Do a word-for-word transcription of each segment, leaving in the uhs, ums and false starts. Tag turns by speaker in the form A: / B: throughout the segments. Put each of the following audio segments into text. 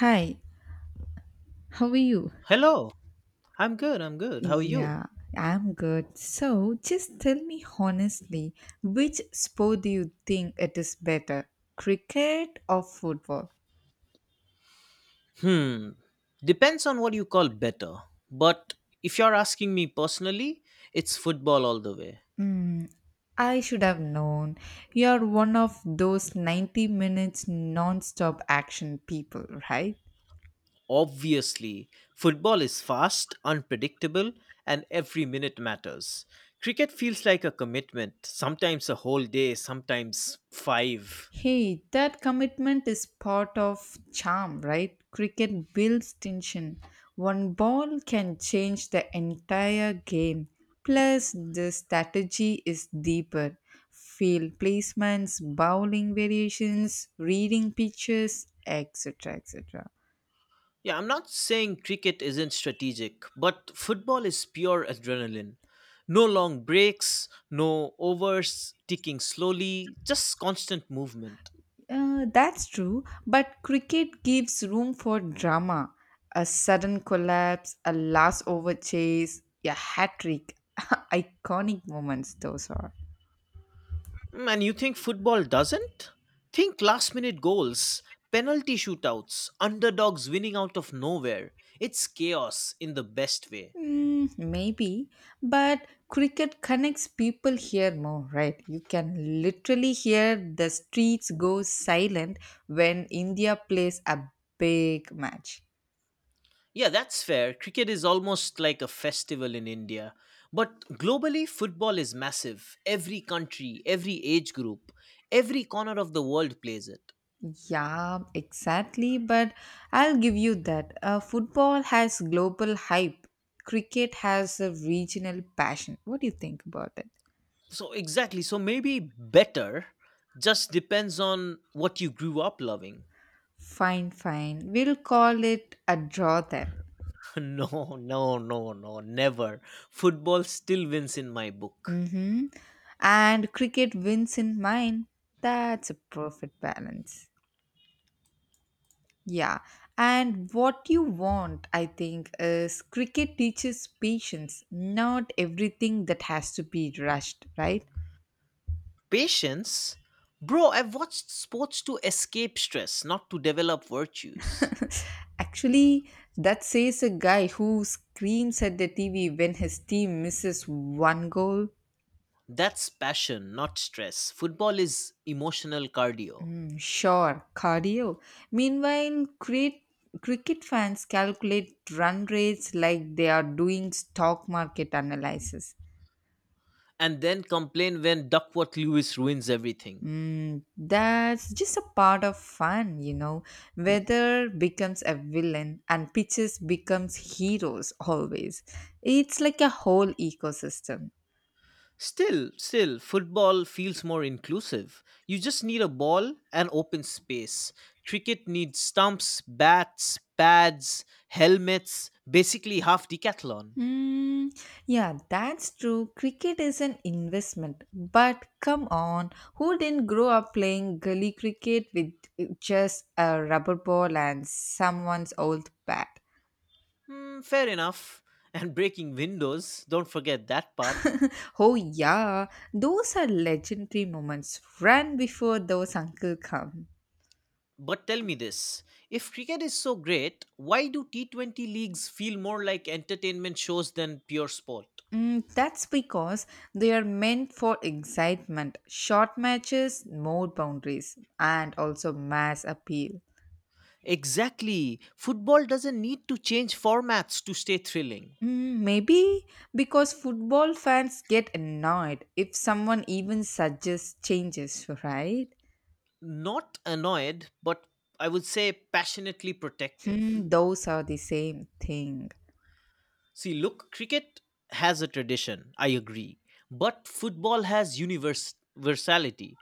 A: Hi, how are you?
B: Hello, I'm good, I'm good. How are you?
A: Yeah, I'm good. So just tell me honestly, which sport do you think it is better, cricket or football?
B: Hmm, depends on what you call better. But if you're asking me personally, it's football all the way.
A: Hmm, I should have known. You're one of those ninety minutes non-stop action people, right?
B: Obviously, football is fast, unpredictable, and every minute matters. Cricket feels like a commitment, sometimes a whole day, sometimes five.
A: Hey, that commitment is part of charm, right? Cricket builds tension. One ball can change the entire game. Plus, the strategy is deeper. Field placements, bowling variations, reading pitches, et cetera et cetera.
B: Yeah, I'm not saying cricket isn't strategic, but football is pure adrenaline. No long breaks, no overs, ticking slowly, just constant movement.
A: Uh, that's true, but cricket gives room for drama. A sudden collapse, a last over chase, a hat trick. Iconic moments, those are.
B: Mm, And you think football doesn't? Think last minute goals, penalty shootouts, underdogs winning out of nowhere. It's chaos in the best way.
A: Mm, maybe, but cricket connects people here more, right? You can literally hear the streets go silent when India plays a big match.
B: Yeah, that's fair. Cricket is almost like a festival in India. But globally, football is massive. Every country, every age group, every corner of the world plays it.
A: Yeah, exactly, but I'll give you that. Uh, football has global hype, cricket has a regional passion. What do you think about it?
B: So, exactly. So, maybe better just depends on what you grew up loving.
A: Fine, fine. We'll call it a draw then.
B: No, no, no, no, never. Football still wins in my book.
A: Mm-hmm. And cricket wins in mine. That's a perfect balance. Yeah. And what you want, I think, is cricket teaches patience, not everything that has to be rushed, right?
B: Patience? Bro, I've watched sports to escape stress, not to develop virtues.
A: Actually, that says a guy who screams at the T V when his team misses one goal.
B: That's passion, not stress. Football is emotional cardio.
A: Sure, cardio. Meanwhile, crit- cricket fans calculate run rates like they are doing stock market analysis.
B: And then complain when Duckworth Lewis ruins everything.
A: Mm, that's just a part of fun, you know. Weather becomes a villain and pitches becomes heroes always. It's like a whole ecosystem.
B: Still, still, football feels more inclusive. You just need a ball and open space. Cricket needs stumps, bats, pads, helmets, basically half decathlon.
A: Mm, yeah, that's true. Cricket is an investment. But come on, who didn't grow up playing gully cricket with just a rubber ball and someone's old bat?
B: Hmm, fair enough. And breaking windows, don't forget that part.
A: Oh, yeah, those are legendary moments. Run before those uncle come.
B: But tell me this, if cricket is so great, why do T twenty leagues feel more like entertainment shows than pure sport?
A: Mm, that's because they are meant for excitement, short matches, more boundaries, and also mass appeal.
B: Exactly. Football doesn't need to change formats to stay thrilling.
A: Mm, maybe because football fans get annoyed if someone even suggests changes, right?
B: Not annoyed, but I would say passionately protective.
A: Hmm, those are the same thing.
B: See, look, cricket has a tradition, I agree. But football has univers- universality.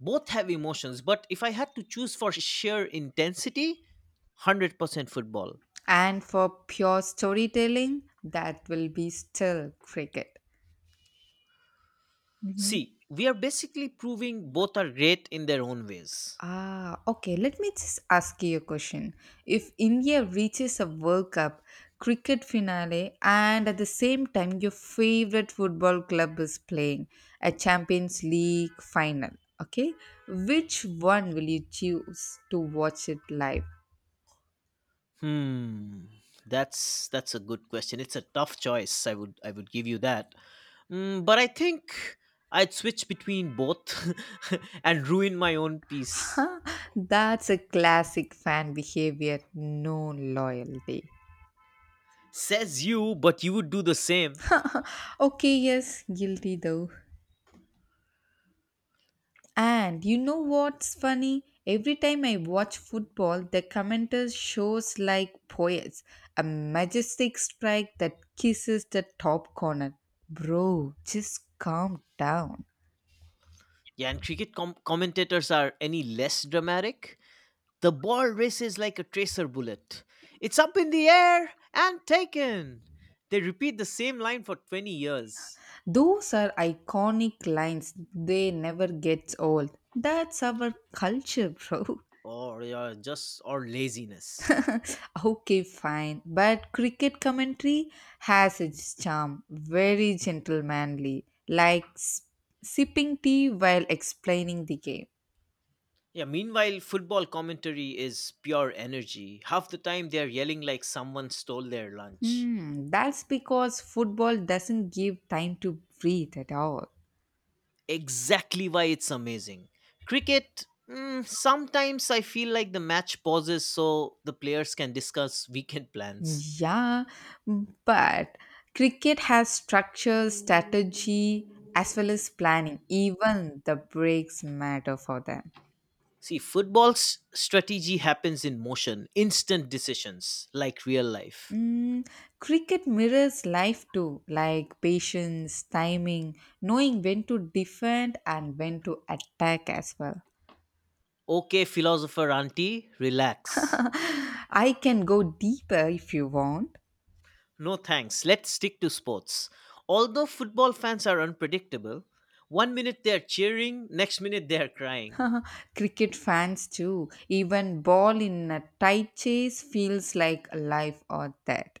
B: Both have emotions, but if I had to choose for sheer intensity, one hundred percent football.
A: And for pure storytelling, that will be still cricket. Mm-hmm.
B: See, we are basically proving both are great in their own ways.
A: Ah, okay. Let me just ask you a question. If India reaches a World Cup, cricket finale, and at the same time your favorite football club is playing a Champions League final, okay, which one will you choose to watch it live?
B: Hmm. That's that's a good question. It's a tough choice. I would I would give you that. Mm, but I think I'd switch between both and ruin my own peace.
A: Huh, that's a classic fan behavior. No loyalty.
B: Says you, but you would do the same.
A: Okay, yes, guilty though. And you know what's funny? Every time I watch football, the commenters shows like poets, a majestic strike that kisses the top corner. Bro, just calm down.
B: Yeah, and cricket com- commentators are any less dramatic. The ball races like a tracer bullet. It's up in the air and taken. They repeat the same line for twenty years.
A: Those are iconic lines. They never gets old. That's our culture, bro.
B: Or yeah, just or laziness.
A: Okay, fine. But cricket commentary has its charm, very gentlemanly, like s- sipping tea while explaining the game.
B: Yeah, meanwhile, football commentary is pure energy. Half the time they are yelling like someone stole their lunch.
A: Hmm, that's because football doesn't give time to breathe at all.
B: Exactly why it's amazing. Cricket, mm, sometimes I feel like the match pauses so the players can discuss weekend plans.
A: Yeah, but cricket has structure, strategy, as well as planning. Even the breaks matter for them.
B: See, football's strategy happens in motion, instant decisions, like real life.
A: Mm, cricket mirrors life too, like patience, timing, knowing when to defend and when to attack as well.
B: Okay, philosopher auntie, relax.
A: I can go deeper if you want.
B: No thanks, let's stick to sports. Although football fans are unpredictable, one minute they're cheering, next minute they're crying.
A: Cricket fans too, even ball in a tight chase feels like life or death.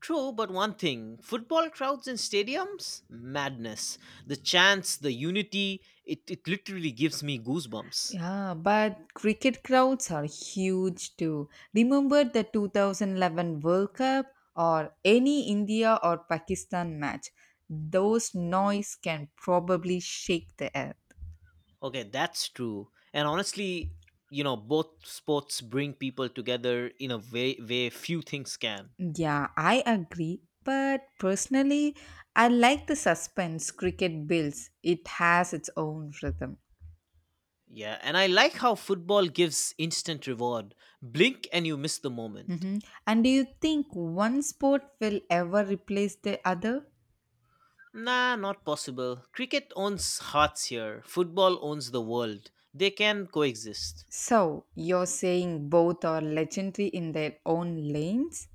B: True, but one thing football crowds in stadiums? Madness. The chants, the unity, it, it literally gives me goosebumps.
A: Yeah, but cricket crowds are huge too. Remember the twenty eleven World Cup or any India or Pakistan match? Those noise can probably shake the earth.
B: Okay, that's true. And honestly, you know, both sports bring people together in a way, way few things can.
A: Yeah, I agree. But personally, I like the suspense cricket builds. It has its own rhythm.
B: Yeah, and I like how football gives instant reward. Blink and you miss the moment.
A: Mhm. And do you think one sport will ever replace the other?
B: Nah, not possible. Cricket owns hearts here, football owns the world. They can coexist.
A: So, you're saying both are legendary in their own lanes?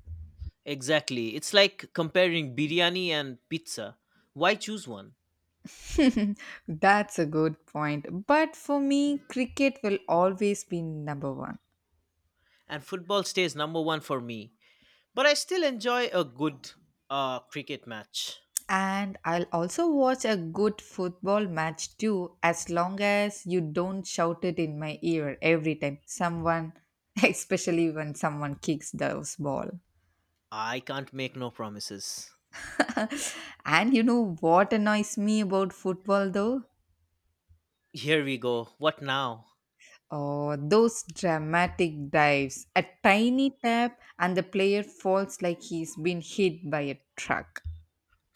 B: Exactly. It's like comparing biryani and pizza. Why choose one?
A: That's a good point. But for me, cricket will always be number one.
B: And football stays number one for me. But I still enjoy a good uh, cricket match.
A: And I'll also watch a good football match too, as long as you don't shout it in my ear every time someone, especially when someone kicks those ball.
B: I can't make no promises.
A: And you know what annoys me about football though?
B: Here we go. What now?
A: Oh, those dramatic dives. A tiny tap, and the player falls like he's been hit by a truck.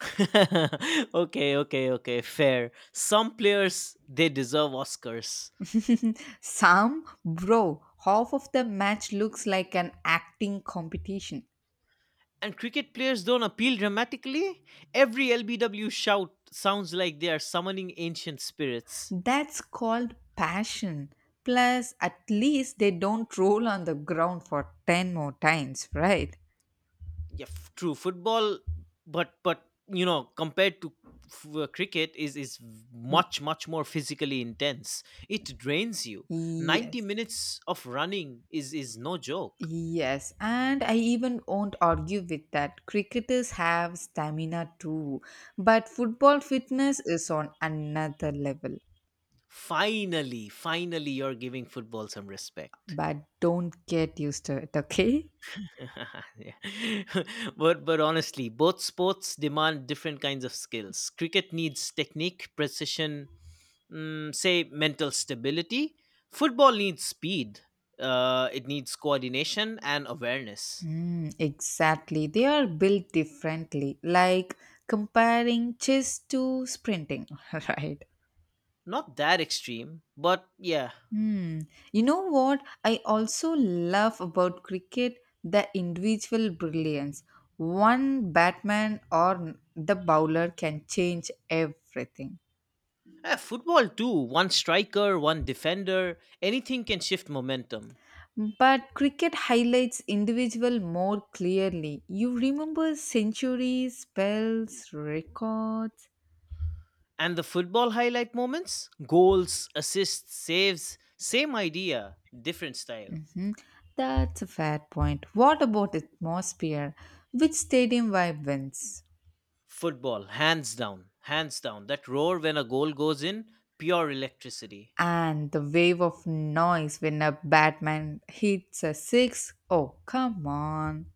B: Okay, okay, okay. Fair. Some players, they deserve Oscars.
A: Sam, bro, half of the match looks like an acting competition.
B: And cricket players don't appeal dramatically, every L B W shout sounds like they are summoning ancient spirits.
A: That's called passion. Plus, at least they don't roll on the ground for ten more times, right?
B: Yeah, f- true football, but but you know compared to f- uh, cricket is is much much more physically intense. It drains you. Ninety
A: Yes.
B: minutes of running is is no joke.
A: Yes, and I even won't argue with that. Cricketers have stamina too, but football fitness is on another level.
B: Finally, finally, you're giving football some respect.
A: But don't get used to it, okay?
B: Yeah. but but honestly, both sports demand different kinds of skills. Cricket needs technique, precision, mm, say mental stability. Football needs speed. Uh, it needs coordination and awareness.
A: Mm, exactly. They are built differently, like comparing chess to sprinting, right?
B: Not that extreme, but yeah.
A: Hmm. You know what I also love about cricket? The individual brilliance. One batsman or the bowler can change everything.
B: Eh, football too. One striker, one defender. Anything can shift momentum.
A: But cricket highlights individual more clearly. You remember centuries, spells, records.
B: And the football highlight moments, goals, assists, saves. Same idea, different style.
A: Mhm. That's a fair point. What about atmosphere? Which stadium vibe wins?
B: Football, hands down, hands down. That roar when a goal goes in, pure electricity.
A: And the wave of noise when a Batman hits a six. Oh, come on.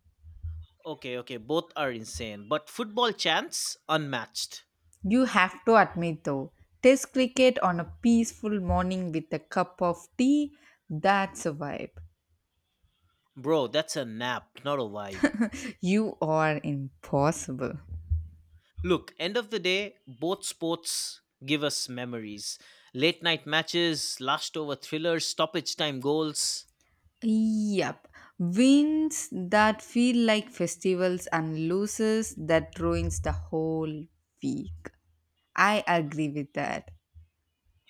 B: Okay, okay, both are insane, but football chants, unmatched.
A: You have to admit though, test cricket on a peaceful morning with a cup of tea, that's a vibe.
B: Bro, that's a nap, not a vibe.
A: You are impossible.
B: Look, end of the day, both sports give us memories. Late night matches, last over thrillers, stoppage time goals.
A: Yep. Wins that feel like festivals and losses that ruins the whole week. I agree with that.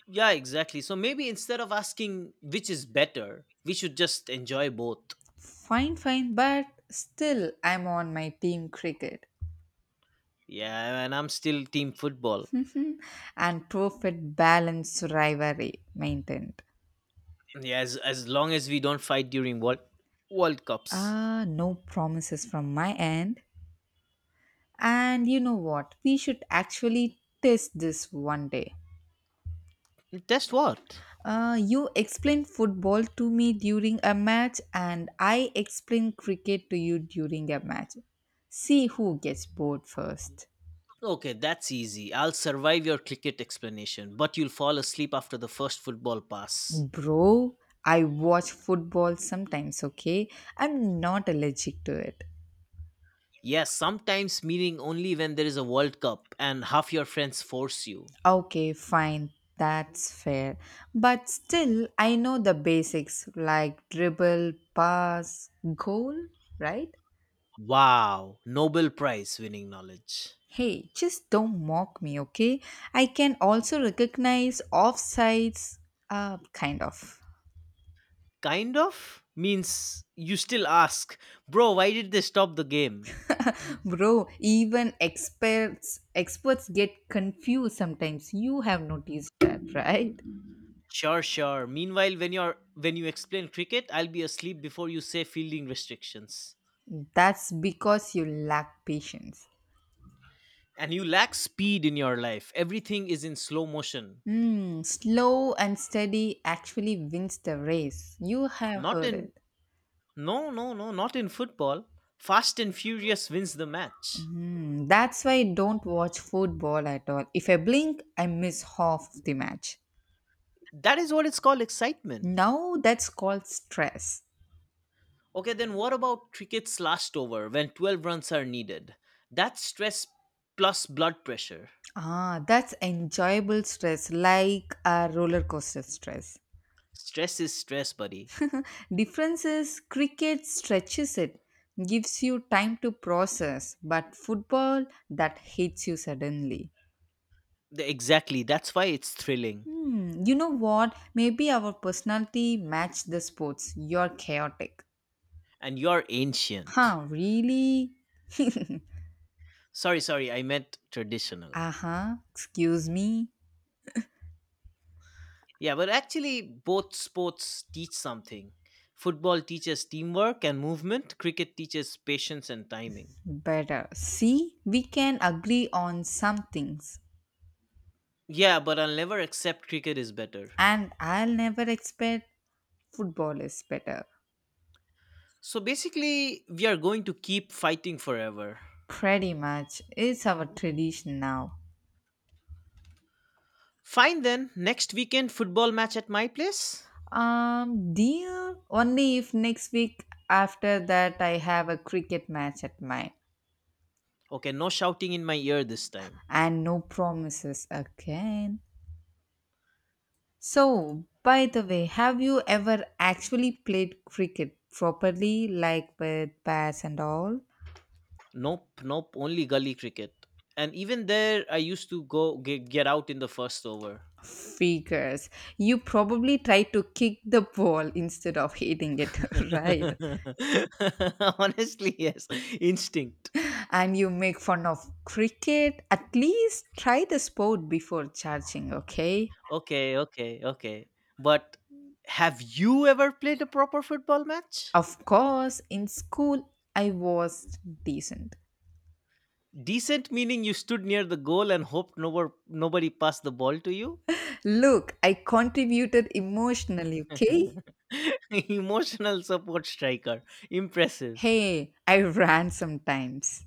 B: Yeah, exactly. So maybe instead of asking which is better, we should just enjoy both.
A: Fine, fine, but still I'm on my team cricket.
B: Yeah, and I'm still team football.
A: And profit balance rivalry maintained.
B: Yeah, as as long as we don't fight during World World Cups.
A: Ah, no promises from my end. And you know what? We should actually test this one day.
B: Just what?
A: Uh, you explain football to me during a match, and I explain cricket to you during a match. See who gets bored first.
B: Okay, that's easy. I'll survive your cricket explanation, but you'll fall asleep after the first football pass.
A: Bro, I watch football sometimes, okay? I'm not allergic to it.
B: Yes, sometimes meaning only when there is a World Cup and half your friends force you.
A: Okay, fine. That's fair. But still, I know the basics like dribble, pass, goal, right?
B: Wow, Nobel Prize winning knowledge.
A: Hey, just don't mock me, okay? I can also recognize offsides, uh, kind of.
B: Kind of means you still ask, bro, why did they stop the game?
A: Bro, even experts experts get confused sometimes. You have noticed that, right?
B: Sure, sure. Meanwhile, when you're when you explain cricket, I'll be asleep before you say fielding restrictions.
A: That's because you lack patience.
B: And you lack speed in your life. Everything is in slow motion.
A: Mm, slow and steady actually wins the race. You have
B: Not
A: heard
B: in
A: it.
B: No, no, no, not in football. Fast and furious wins the match.
A: Mm, that's why I don't watch football at all. If I blink, I miss half of the match.
B: That is what it's called excitement.
A: Now that's called stress.
B: Okay, then what about cricket's last over when twelve runs are needed? That's stress plus blood pressure.
A: Ah, that's enjoyable stress, like a roller coaster stress.
B: Stress is stress, buddy.
A: Difference is cricket stretches it, gives you time to process, but football that hits you suddenly.
B: The- Exactly. That's why it's thrilling.
A: Hmm, you know what? Maybe our personality match the sports. You're chaotic.
B: And you're ancient.
A: Huh, really?
B: Sorry, sorry, I meant traditional.
A: Uh-huh, excuse me.
B: Yeah, but actually, both sports teach something. Football teaches teamwork and movement, cricket teaches patience and timing.
A: Better. See, we can agree on some things.
B: Yeah, but I'll never accept cricket is better.
A: And I'll never expect football is better.
B: So basically, we are going to keep fighting forever.
A: Pretty much. It's our tradition now.
B: Fine then, next weekend, football match at my place?
A: Um, deal only if next week after that I have a cricket match at mine.
B: Okay, no shouting in my ear this time.
A: And no promises again. So, by the way, have you ever actually played cricket properly, like with bats and all?
B: Nope, nope, only gully cricket. And even there, I used to go get, get out in the first over.
A: Figures. You probably try to kick the ball instead of hitting it, right?
B: Honestly, yes. Instinct.
A: And you make fun of cricket. At least try the sport before charging, okay?
B: Okay, okay, okay. But have you ever played a proper football match?
A: Of course, in school, I was decent.
B: Decent meaning you stood near the goal and hoped no, nobody passed the ball to you?
A: Look, I contributed emotionally, okay?
B: Emotional support striker. Impressive.
A: Hey, I ran sometimes.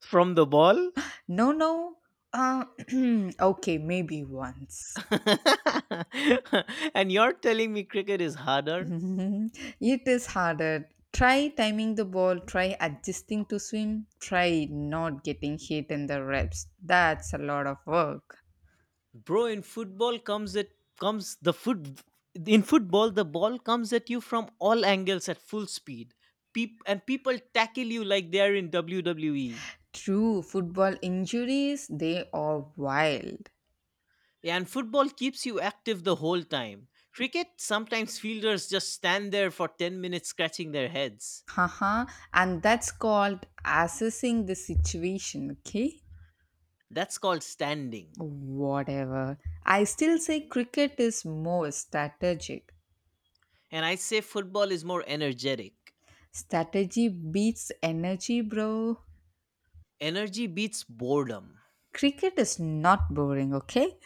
B: From the ball?
A: No, no. Uh, okay, maybe once.
B: And you're telling me cricket is harder?
A: It is harder. Try timing the ball, try adjusting to swim, try not getting hit in the reps. That's a lot of work.
B: Bro, in football comes it comes the foot in football, the ball comes at you from all angles at full speed. Peop, and people tackle you like they're in W W E.
A: True, football injuries, they are wild.
B: And football keeps you active the whole time. Cricket, sometimes fielders just stand there for ten minutes, scratching their heads.
A: Haha, and that's called assessing the situation, okay?
B: That's called standing.
A: Whatever. I still say cricket is more strategic.
B: And I say football is more energetic.
A: Strategy beats energy, bro.
B: Energy beats boredom.
A: Cricket is not boring, okay?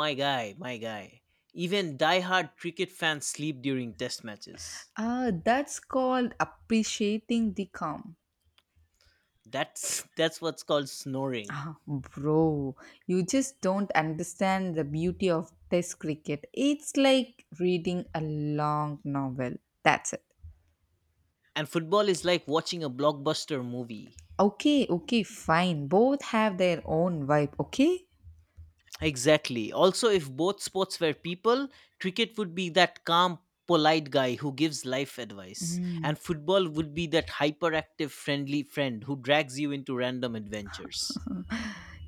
B: My guy, my guy, even die-hard cricket fans sleep during test matches.
A: Uh, that's called appreciating the calm.
B: That's that's what's called snoring.
A: Ah, bro, you just don't understand the beauty of test cricket. It's like reading a long novel. That's it.
B: And football is like watching a blockbuster movie.
A: Okay, okay, fine. Both have their own vibe, okay?
B: Exactly. Also, if both sports were people, cricket would be that calm, polite guy who gives life advice,
A: Mm.
B: and football would be that hyperactive, friendly friend who drags you into random adventures.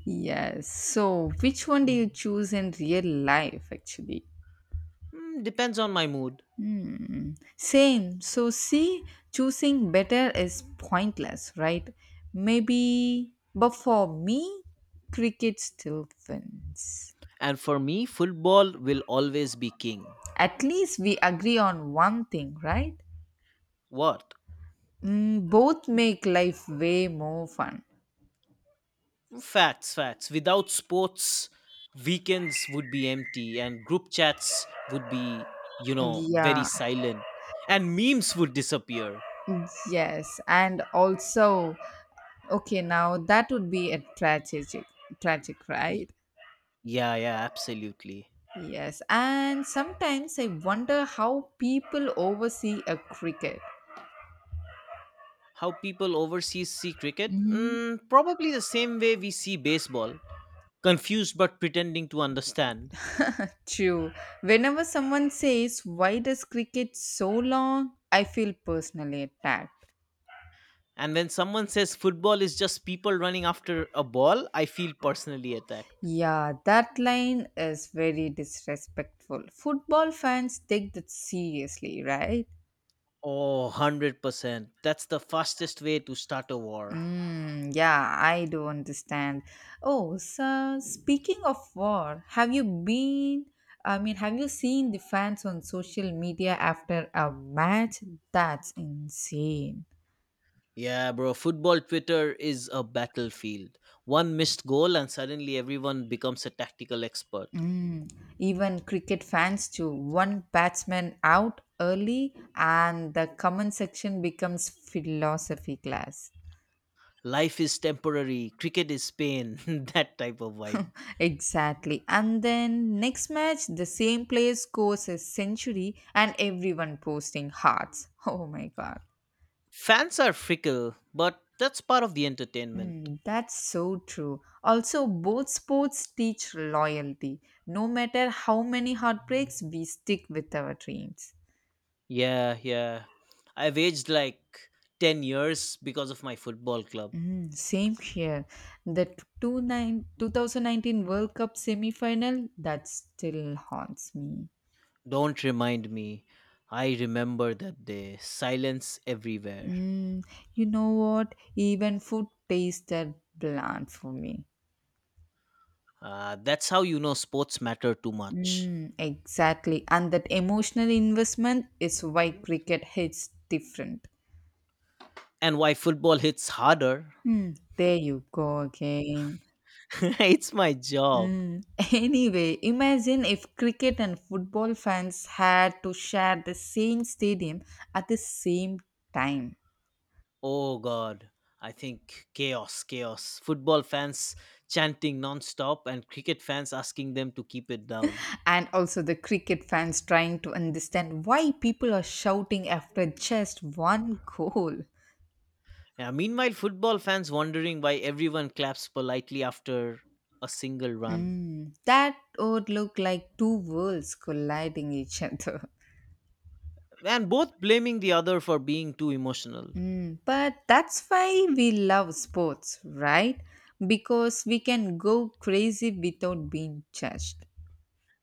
A: Yes. So, which one do you choose in real life, actually?
B: Hmm, depends on my mood.
A: Hmm. Same. So, see, choosing better is pointless, right? Maybe, but for me, cricket still wins.
B: And for me, football will always be king.
A: At least we agree on one thing, right?
B: What?
A: Mm, both make life way more fun.
B: Facts, facts. Without sports, weekends would be empty and group chats would be, you know, very
A: Yeah,
B: silent, and memes would disappear.
A: yes, and also, okay, now that would be a tragic, tragic, right?
B: Y- Yeah, yeah, absolutely.
A: Yes, and sometimes I wonder how people oversee a cricket.
B: How people overseas see cricket?
A: Hmm.
B: Mm, probably the same way we see baseball, confused but pretending to understand.
A: True. Whenever someone says, "Why does cricket so long?" I feel personally attacked.
B: And when someone says football is just people running after a ball, I feel personally attacked.
A: Yeah, that line is very disrespectful. Football fans take that seriously, right?
B: Oh, one hundred percent. That's the fastest way to start a war.
A: Mm, yeah, I do understand. Oh, so speaking of war, have you been? I mean, have you seen the fans on social media after a match? That's insane.
B: Yeah, bro. Football Twitter is a battlefield. One missed goal, and suddenly everyone becomes a tactical expert.
A: Mm, even cricket fans too. One batsman out early, and the comment section becomes philosophy class.
B: Life is temporary, cricket is pain, that type of vibe.
A: Exactly. And then next match, the same player scores a century, and everyone posting hearts. Oh my god.
B: Fans are fickle, but that's part of the entertainment.
A: Mm, that's so true. Also, both sports teach loyalty. No matter how many heartbreaks, we stick with our dreams.
B: Yeah, yeah. I've aged like ten years because of my football club.
A: Mm, same here. The two nine two thousand nineteen World Cup semi final, that still haunts me.
B: Don't remind me. I remember that day. Silence everywhere.
A: Mm, you know what? Even food tasted bland for me.
B: Uh, that's how you know sports matter too much.
A: Mm, exactly. And that emotional investment is why cricket hits different.
B: And why football hits harder.
A: Mm, there you go again.
B: It's my job.
A: Mm. Anyway, imagine if cricket and football fans had to share the same stadium at the same time.
B: Oh god. I think chaos, chaos. Football fans chanting non-stop and cricket fans asking them to keep it down.
A: And also the cricket fans trying to understand why people are shouting after just one goal.
B: Yeah, meanwhile football fans wondering why everyone claps politely after a single run,
A: Mm, that would look like two worlds colliding each other.
B: and both blaming the other for being too emotional.
A: Mm, but that's why we love sports, right? Because we can go crazy without being judged.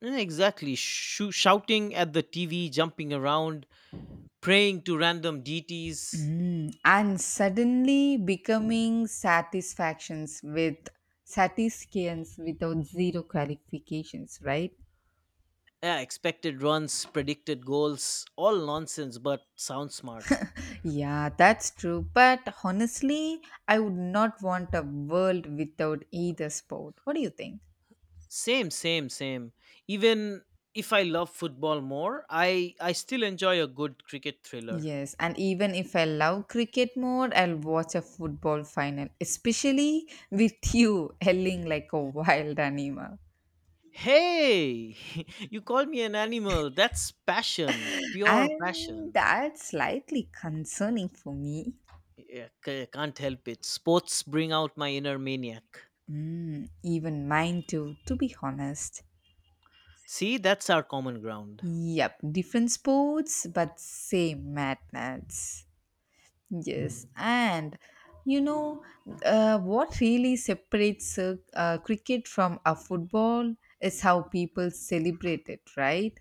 B: Yeah, exactly, Shoo shouting at the T V, jumping around, praying to random deities.
A: Mm, and suddenly becoming satisfactions with satisfactions without zero qualifications, right?
B: Yeah, expected runs, predicted goals, all nonsense but sound smart.
A: Yeah, that's true. But honestly, I would not want a world without either sport. What do you think?
B: Same, same, same. Even if I love football more, I I still enjoy a good cricket thriller.
A: Yes, and even if I love cricket more, I'll watch a football final, especially with you yelling like a wild animal.
B: Hey, you call me an animal. That's passion, pure
A: And
B: passion.
A: that's slightly concerning for me.
B: Yeah, c- can't help it. Sports bring out my inner maniac.
A: Mm, even mine too, to be honest.
B: See, that's our common ground.
A: Yep, different sports, but same madness. Yes, and you know uh, what really separates uh, uh, cricket from a football is how people celebrate it, right?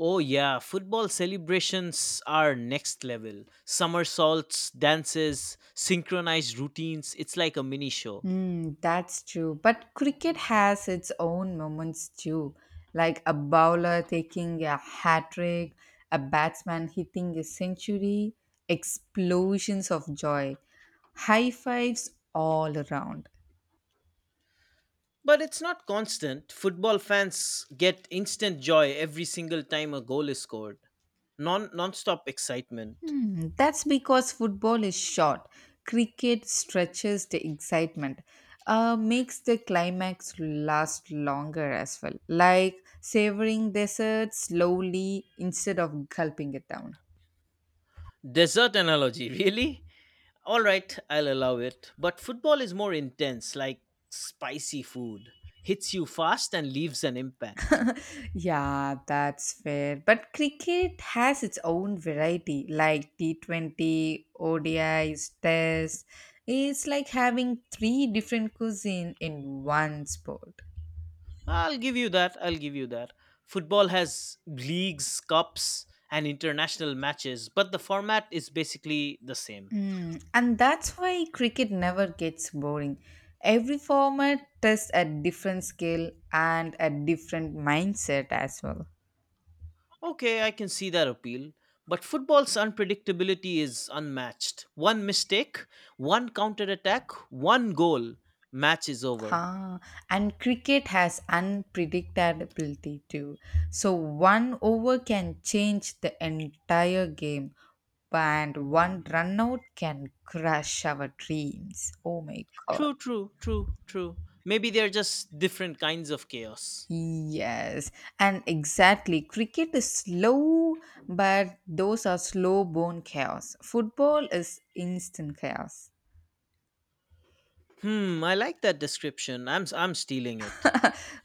B: Oh yeah, football celebrations are next level. Somersaults, dances, synchronized routines. It's like a mini show.
A: Mm, that's true. But cricket has its own moments too, like a bowler taking a hat trick, a batsman hitting a century, explosions of joy, high fives all around.
B: But it's not constant. Football fans get instant joy every single time a goal is scored. Non non-stop excitement.
A: Hmm, that's because football is short. Cricket stretches the excitement, uh, makes the climax last longer as well, like savoring dessert slowly instead of gulping it down.
B: Desert analogy, really? All right, I'll allow it. But football is more intense, like spicy food. Hits you fast and leaves an impact.
A: Yeah, that's fair. But cricket has its own variety, like T twenty, O D Is, Test. It's like having three different cuisine in one sport.
B: I'll give you that. I'll give you that. Football has leagues, cups, and international matches, but the format is basically the same.
A: Mm, and that's why cricket never gets boring. Every format tests a different skill and a different mindset as well.
B: Okay, I can see that appeal. But football's unpredictability is unmatched. One mistake, one counterattack, one goal, match is over.
A: Ah, and cricket has unpredictability too. So one over can change the entire game, and one run out can crush our dreams. Oh my god.
B: True, true, true, true. Maybe they're just different kinds of chaos.
A: Yes, and exactly. Cricket is slow, but those are slow bone chaos. Football is instant chaos.
B: Hmm, I like that description. I'm s- I'm stealing it.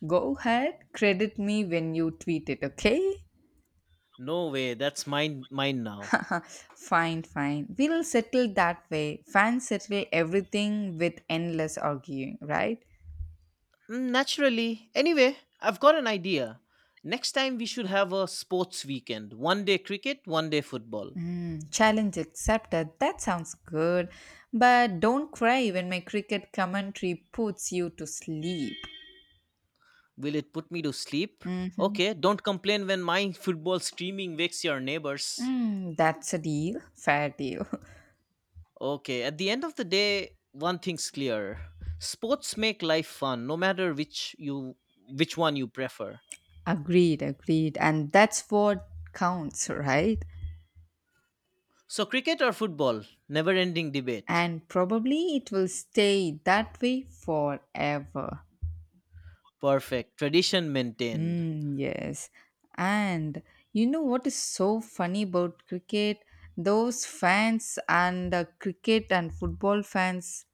A: Go ahead, credit me when you tweet it, okay?
B: No way, that's mine mine now.
A: Fine, fine. We'll settle that way. Fans settle everything with endless arguing, right?
B: Mm, Naturally. Anyway, I've got an idea. Next time we should have a sports weekend. One day cricket, one day football.
A: Mm, challenge accepted. That sounds good. But don't cry when my cricket commentary puts you to sleep.
B: Will it put me to sleep?
A: Hmm.
B: Okay, don't complain when my football streaming wakes your neighbors.
A: Mm, that's a deal. Fair deal.
B: Okay, at the end of the day, one thing's clear. Sports make life fun, no matter which you which one you prefer.
A: Agreed, agreed. And that's what counts, right?
B: So cricket or football? Never ending debate.
A: And probably it will stay that way forever.
B: Perfect. Tradition maintained.
A: Mm, yes. And you know what is so funny about cricket? Those fans and uh, cricket and football fans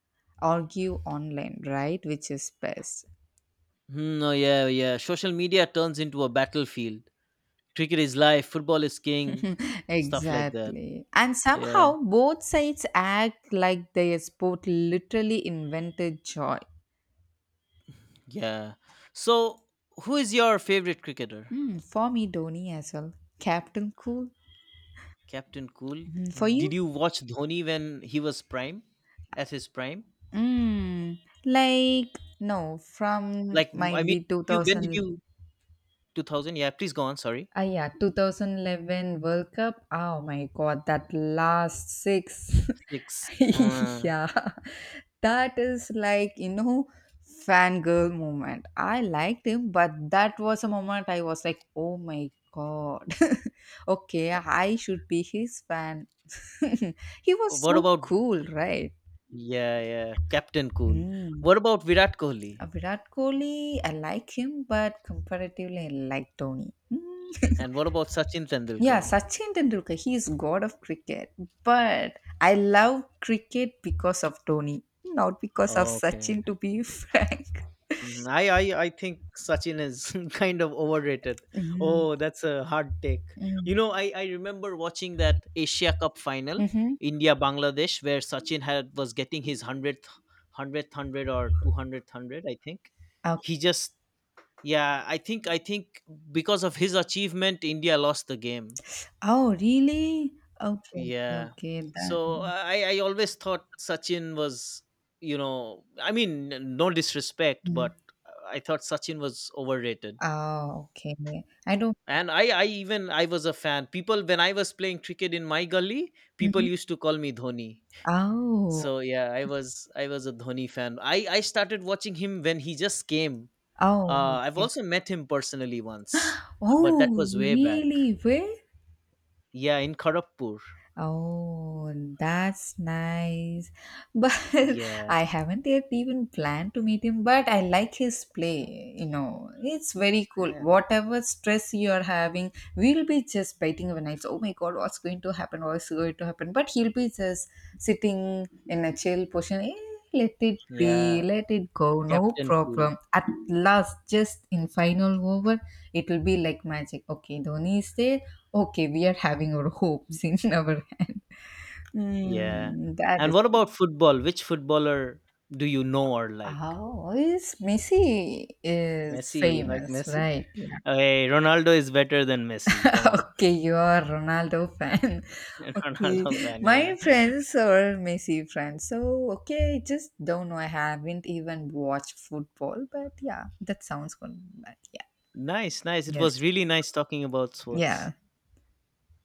A: argue online, right? Which is best.
B: Hmm, oh yeah, yeah. Social media turns into a battlefield. Cricket is life, football is king, stuff like that.
A: Exactly. And
B: Yeah.
A: somehow both sides act like their sport literally invented joy.
B: Yeah. So who is your favorite cricketer?
A: Mm, for me, Dhoni as well. Captain Cool.
B: Captain Cool.
A: Mm, for
B: Did
A: you?
B: you watch Dhoni when he was prime, at his prime?
A: Mm, like, no, from
B: Like, m- I
A: might
B: mean,
A: be
B: you when did
A: two thousand.
B: you, two thousand? Yeah, please go on. Sorry,
A: Ah, yeah, twenty eleven World Cup. Oh my God, that last six.
B: six. Huh.
A: Yeah, that is like, you know, fangirl moment. I liked him, but that was a moment I was like, oh my God. Okay, I should be his fan. He was
B: What
A: so
B: about,
A: cool, right?
B: yeah, yeah, Captain Cool?
A: Mm.
B: What about Virat Kohli?
A: Uh, Virat Kohli, I like him, but comparatively, I like Tony.
B: And what about Sachin
A: Yeah,
B: Tendulkar?
A: Sachin Tendulkar, he is god of cricket. But I love cricket because of Dhoni, not because of
B: Okay.
A: Sachin, to be frank.
B: Mhm. I I I think Sachin is kind of overrated.
A: Mm,
B: Oh, that's a hard take.
A: mm,
B: You know, I I remember watching that Asia Cup final,
A: mhm.
B: India Bangladesh, where Sachin had was getting his hundredth, hundredth hundred or two hundredth hundred. I think he
A: Okay.
B: just, yeah. I think I think because of his achievement, India lost the game.
A: Oh, really? Okay,
B: Yeah.
A: okay, okay. That.
B: So I, I always thought Sachin was, you know, I mean, n- no disrespect,
A: Mm.
B: but uh, I thought Sachin was overrated.
A: Oh, okay. I don't.
B: And I, I even I was a fan. People when I was playing cricket in my gully, people
A: Mhm.
B: used to call me Dhoni.
A: Oh,
B: So yeah, I was I was a Dhoni fan. I, I started watching him when he just came.
A: oh,
B: Uh, I've
A: okay.
B: also met him personally once, but that
A: Oh,
B: was way back.
A: really? Where?
B: Yeah, in Kharagpur.
A: Oh, that's nice. But
B: Yeah.
A: I haven't yet even planned to meet him, but I like his play. You know, it's very cool.
B: Yeah.
A: Whatever stress you're having, we'll be just biting our nights. Oh my God, what's going to happen? What's going to happen? But he'll be just sitting in a chill position. Eh, let it
B: Yeah.
A: be, let it go, no
B: Captain Cool.
A: problem. At last, just in final over, it will be like magic. Okay, Dhoni is there. Okay, we are having our hopes in our hand.
B: Yeah.
A: Mm, that
B: And
A: is
B: what
A: good.
B: about football? Which footballer do you know or like?
A: How is Messi is
B: Messi, you like
A: famous,
B: Messi?
A: right? Yeah.
B: Hey, Ronaldo is better than Messi. Come on.
A: Okay, you are Ronaldo fan. Okay,
B: Ronaldo fan, yeah.
A: my friends are Messi friends. So okay, just don't know. I haven't even watched football, but yeah, that sounds good. But yeah,
B: Nice, nice. It
A: yes,
B: was really nice talking about sports.
A: yeah.